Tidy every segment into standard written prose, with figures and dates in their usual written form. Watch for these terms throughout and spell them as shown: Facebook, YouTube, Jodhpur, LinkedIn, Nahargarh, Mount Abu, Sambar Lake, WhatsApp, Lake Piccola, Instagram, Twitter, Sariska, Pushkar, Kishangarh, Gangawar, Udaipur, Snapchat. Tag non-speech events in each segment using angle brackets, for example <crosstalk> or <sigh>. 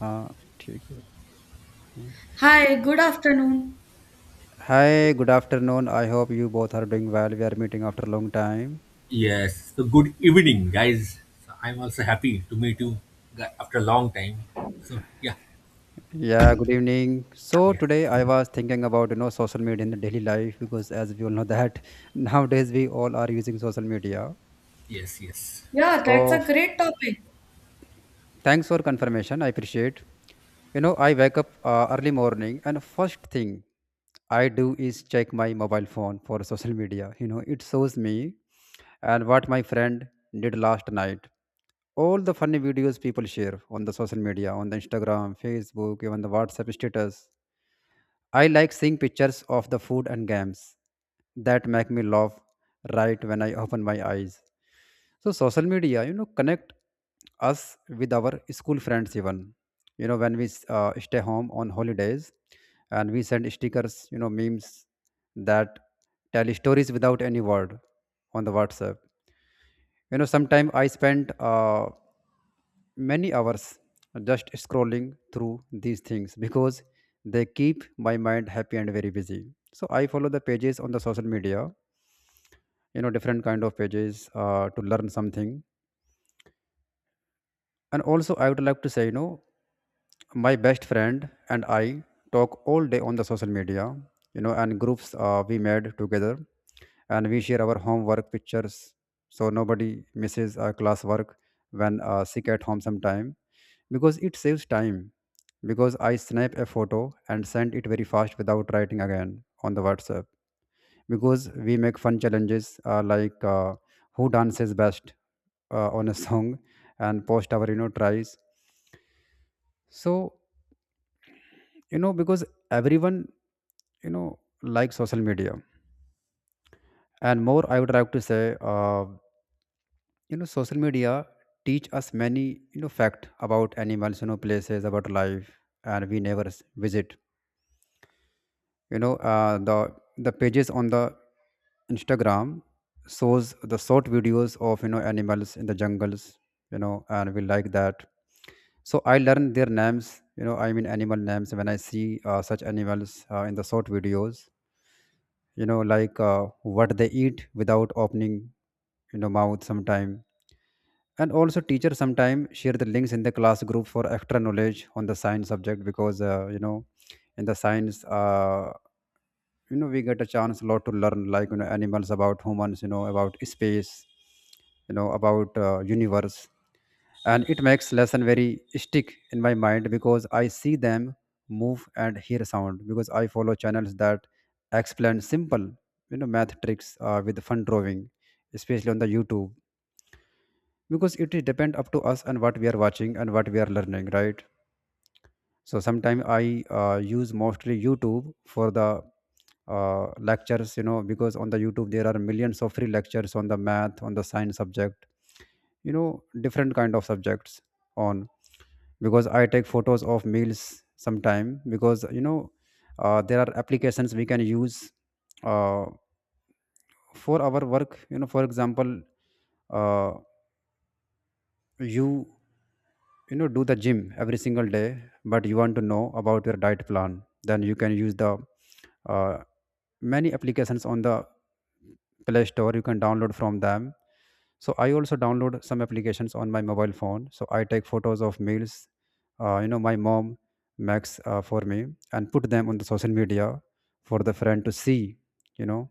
हाँ, ठीक है, हाँ। Hi, good afternoon. Hi, good afternoon, I hope you both are doing well. We are meeting after a long time. Yes. So good evening, guys. So I'm also happy to meet you after a long time. So yeah, Yeah, good evening. So yes, today I was thinking about, you know, social media in the daily life because as we all know that <laughs> nowadays we all are using social media. yes, yes. Yeah, that's So a great topic. thanks for confirmation. I appreciate. You know, I wake up early morning and first thing I do is check my mobile phone for social media. You know, it shows me and what my friend did last night, all the funny videos people share on the social media, on the Instagram, Facebook, even the WhatsApp status. I like seeing pictures of the food and games that make me laugh right when I open my eyes. So social media, you know, connect us with our school friends even, you know, when we stay home on holidays, and we send stickers, you know, memes that tell stories without any word on the WhatsApp. You know, sometimes I spend many hours just scrolling through these things because they keep my mind happy and very busy. So I follow the pages on the social media, you know, different kind of pages to learn something. And also I would like to say, you know, my best friend and I talk all day on the social media, you know, and groups we made together, and we share our homework pictures, so nobody misses class work when sick at home sometime, because it saves time, because I snap a photo and send it very fast without writing again on the WhatsApp, because we make fun challenges like who dances best on a song and post our, you know, tries. So, you know, because everyone, you know, likes social media. And more I would like to say you know, social media teach us many, you know, fact about animals, you know, places, about life. And we never visit, you know, the pages on the Instagram shows the short videos of, you know, animals in the jungles, you know, and we like that. So I learn their names, you know, I mean animal names, when I see such animals in the short videos, you know, like what they eat without opening, you know, mouth sometime. And also teacher sometime share the links in the class group for extra knowledge on the science subject because you know, in the science you know, we get a chance a lot to learn, like, you know, animals, about humans, you know, about space, you know, about universe. And it makes lesson very stick in my mind because I see them move and hear sound, because I follow channels that explain simple, you know, math tricks with fun drawing, especially on the YouTube, because it depend up to us and what we are watching and what we are learning, right? So sometimes I use mostly YouTube for the lectures, you know, because on the YouTube there are millions of free lectures on the math, on the science subject, you know, different kind of subjects on. Because I take photos of meals sometime, because, you know, there are applications we can use uh, for our work, you know, for example, uh, you, you know, do the gym every single day, but you want to know about your diet plan, then you can use the uh, many applications on the Play Store, you can download from them. So I also download some applications on my mobile phone, so I take photos of meals you know, my mom makes for me and put them on the social media for the friend to see, you know.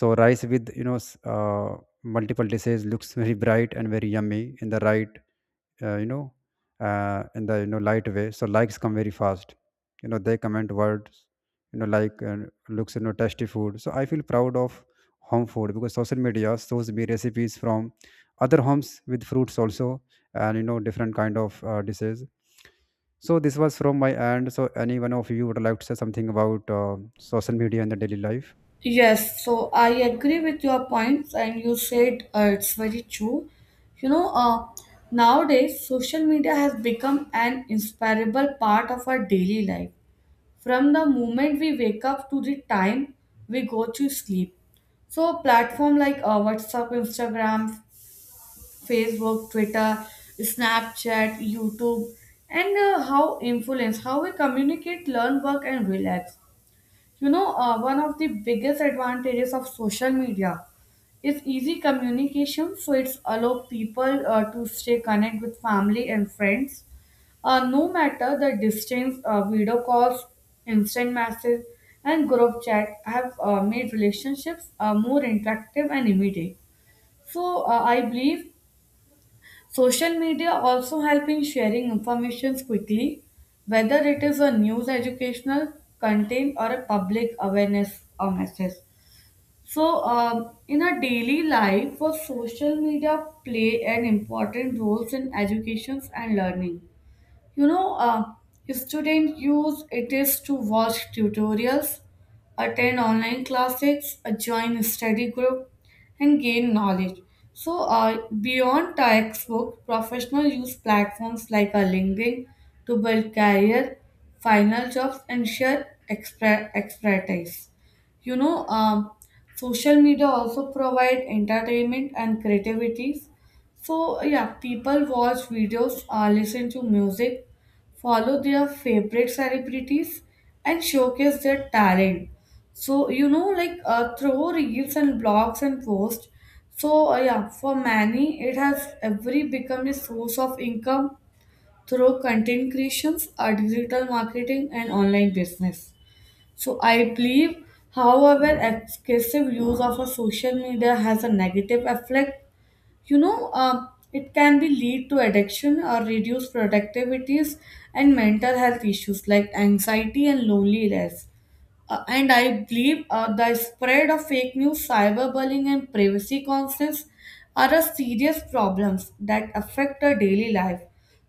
So rice with, you know, multiple dishes looks very bright and very yummy in the right, you know, in the, you know, light way, so likes come very fast. You know, they comment words, you know, like looks, you know, tasty food. So I feel proud of home food, because social media shows me recipes from other homes with fruits also, and, you know, different kind of dishes. So this was from my end. So any one of you would like to say something about social media in the daily life? Yes, so I agree with your points, and you said it's very true. You know, uh, Nowadays social media has become an inseparable part of our daily life. From the moment we wake up to the time we go to sleep. So platform like WhatsApp, Instagram, Facebook, Twitter, Snapchat, YouTube, and how influence, how we communicate, learn, work, and relax. One of the biggest advantages of social media is easy communication, so it's allow people to stay connect with family and friends, no matter the distance. Video calls, instant message, and group chat have made relationships more interactive and immediate. So I believe social media also help in sharing information quickly, whether it is a news, educational content, or a public awareness or message. So, in our daily life, for social media play an important roles in education and learning. You know, uh, Students use it is to watch tutorials, attend online classes, join study group, and gain knowledge. So, beyond textbook, professionals use platforms like a LinkedIn to build career, final jobs, and share expertise. You know, um, Social media also provide entertainment and creativities. So yeah, people watch videos, listen to music, follow their favorite celebrities, and showcase their talent. So through reels and blogs and posts. So yeah, for many, it has every become a source of income through content creations, digital marketing, and online business. So I believe, however, excessive use of a social media has a negative effect. It can be lead to addiction or reduced productivities and mental health issues like anxiety and loneliness. And I believe the spread of fake news, cyberbullying, and privacy concerns are a serious problems that affect our daily life.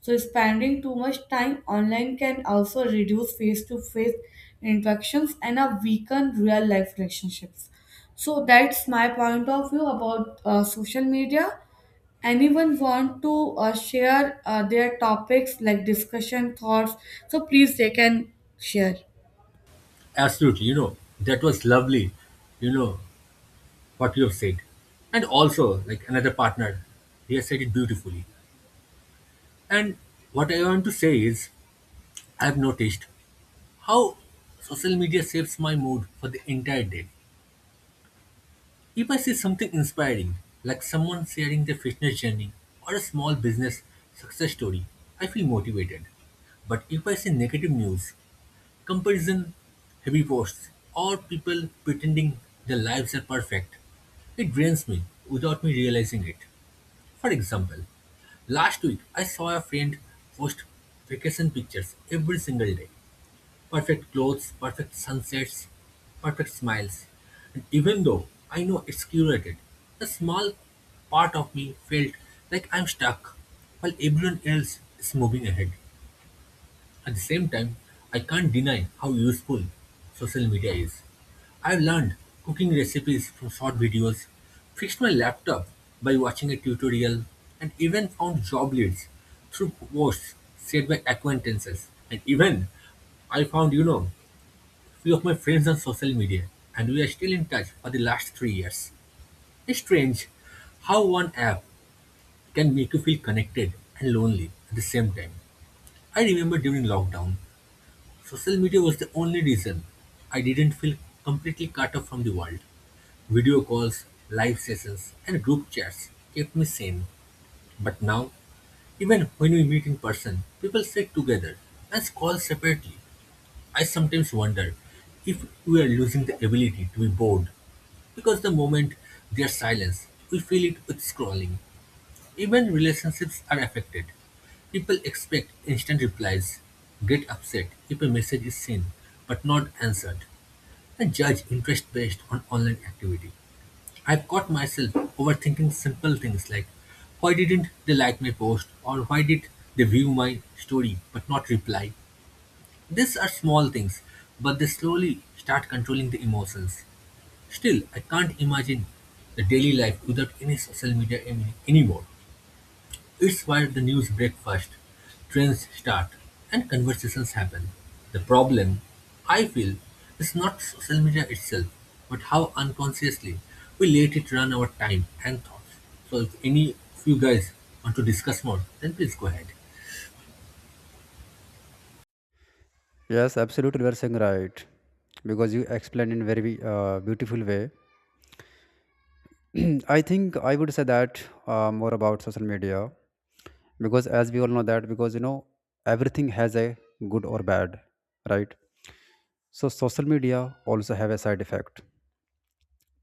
So spending too much time online can also reduce face-to-face interactions and a weaken real-life relationships. So that's my point of view about social media. Anyone want to share their topics like discussion thoughts, so please they can share. Absolutely. You know that was lovely. You know what you have said, and also like another partner, he has said it beautifully. And what I want to say is, I've noticed how social media shapes my mood for the entire day. If I see something inspiring, like someone sharing their fitness journey or a small business success story, I feel motivated. But if I see negative news, comparison, heavy posts, or people pretending their lives are perfect, it drains me without me realizing it. For example, last week I saw a friend post vacation pictures every single day. Perfect clothes, perfect sunsets, perfect smiles. And even though I know it's curated, a small part of me felt like I'm stuck while everyone else is moving ahead. At the same time, I can't deny how useful social media is. I've learned cooking recipes from short videos, fixed my laptop by watching a tutorial, and even found job leads through posts shared by acquaintances. And even I found, you know, few of my friends on social media, and we are still in touch for the last 3 years. It's strange how one app can make you feel connected and lonely at the same time. I remember during lockdown, social media was the only reason I didn't feel completely cut off from the world. Video calls, live sessions, and group chats kept me sane. But now, even when we meet in person, people sit together and scroll separately. I sometimes wonder if we are losing the ability to be bored. Because the moment there's silence, we fill it with scrolling. Even relationships are affected. People expect instant replies, get upset if a message is seen but not answered, and judge interest based on online activity. I've caught myself overthinking simple things like why didn't they like my post or why did they view my story but not reply. These are small things, but they slowly start controlling the emotions. Still, I can't imagine the daily life without any social media anymore. It's where the news break first, trends start, and conversations happen. The problem, I feel, is not social media itself, but how unconsciously we let it run our time and thoughts. So if any of you guys want to discuss more, then please go ahead. Yes, absolutely, you are saying right, because you explained in very beautiful way. <clears throat> I think I would say that more about social media because, as we all know, that, because, you know, everything has a good or bad, right? So social media also have a side effect.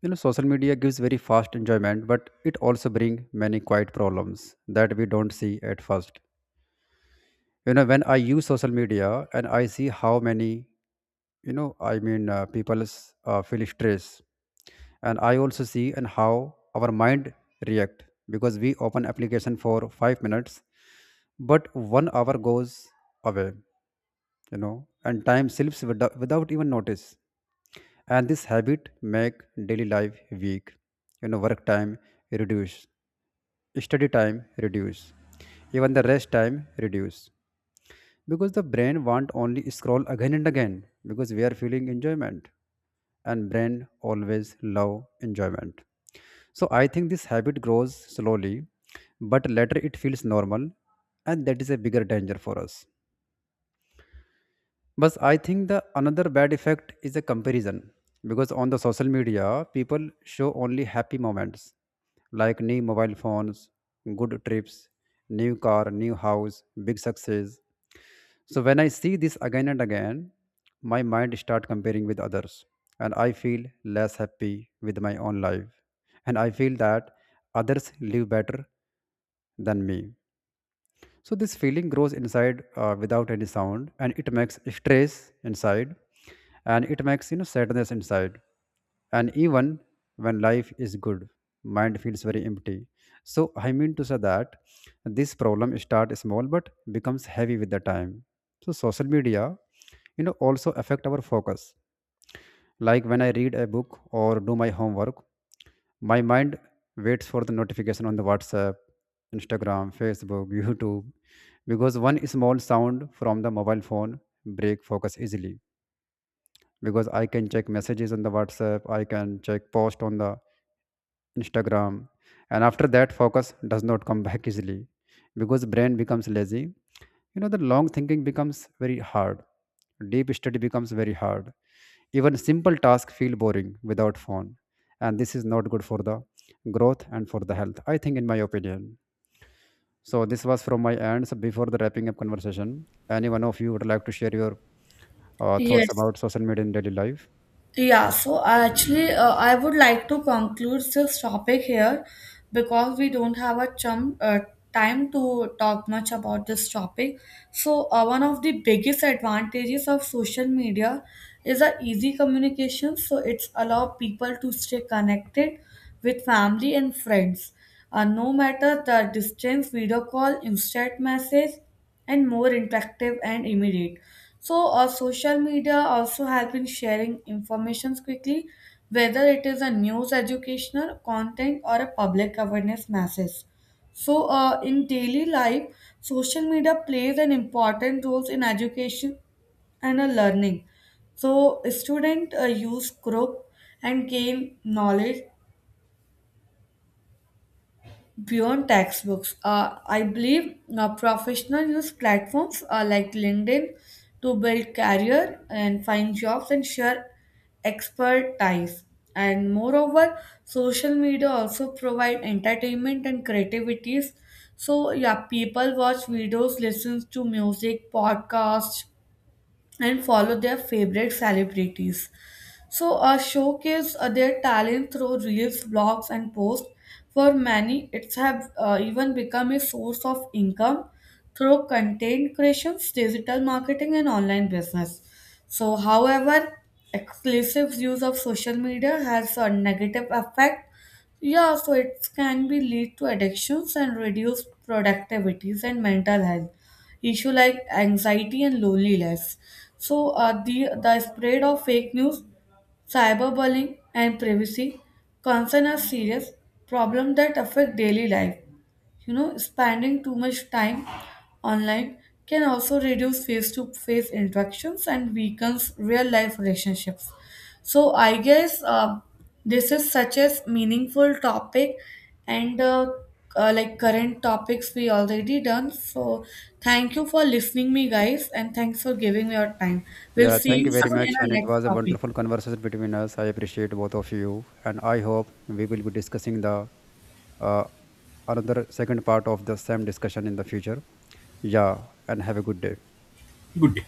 You know, social media gives very fast enjoyment, but it also bring many quiet problems that we don't see at first. You know, when I use social media and I see how many, people feel stress, and I also see and how our mind react, because we open application for 5 minutes, but 1 hour goes away, you know, and time slips without even notice. And this habit make daily life weak, you know, work time reduce, study time reduce, even the rest time reduce, because the brain won't only scroll again and again, because we are feeling enjoyment, and brain always love enjoyment. So I think this habit grows slowly, but later it feels normal, and that is a bigger danger for us. But I think the another bad effect is a comparison, because on the social media people show only happy moments, like new mobile phones, good trips, new car, new house, big success. So when I see this again and again, my mind start comparing with others, and I feel less happy with my own life, and I feel that others live better than me. So this feeling grows inside without any sound, and it makes stress inside, and it makes, you know, sadness inside. And even when life is good, mind feels very empty. So I mean to say that this problem start small but becomes heavy with the time. So social media, you know, also affect our focus, like when I read a book or do my homework, my mind waits for the notification on the WhatsApp, Instagram, Facebook, <laughs> YouTube, because one small sound from the mobile phone break focus easily, because I can check messages on the WhatsApp, I can check post on the Instagram, and after that focus does not come <laughs> back easily, because brain becomes lazy. You know the long thinking becomes very hard. Deep study becomes very hard. Even simple tasks feel boring without phone, and this is not good for the growth and for the health, I think, in my opinion. So this was from my end. So before the wrapping up conversation, any one of you would like to share your thoughts Yes. about social media in daily life? Yeah, so actually, I would like to conclude this topic here because we don't have a chum, time to talk much about this topic. So, one of the biggest advantages of social media is the easy communication. So, it's allow people to stay connected with family and friends. No matter the distance, video call, instant message, and more interactive and immediate. So, social media also help in sharing information quickly, whether it is a news, educational content, or a public awareness message. So, in daily life, social media plays an important role in education and learning. So, student use group and gain knowledge beyond textbooks. I believe professionals use platforms like LinkedIn to build career and find jobs and share expertise. And moreover, social media also provide entertainment and creativities. So yeah, people watch videos, listens to music, podcasts, and follow their favorite celebrities. So, showcase their talent through reels, blogs, and posts. For many, it's have even become a source of income through content creations, digital marketing, and online business. So, however, exclusive use of social media has a negative effect. Yeah, so it can be lead to addictions and reduce productivities and mental health issue like anxiety and loneliness. So the spread of fake news, cyberbullying, and privacy concern are serious problems that affect daily life. You know, spending too much time online can also reduce face to face interactions and weakens real life relationships. So, I guess this is such a meaningful topic and like current topics we already done. So, thank you for listening me, guys, and thanks for giving me your time. We'll Yeah, see thank you you very Have soon in much. our And it next was a topic. wonderful conversation between us. I appreciate both of you. And I hope we will be discussing the uh, another second part of the same discussion in the future. Yeah, and have a good day. a good day.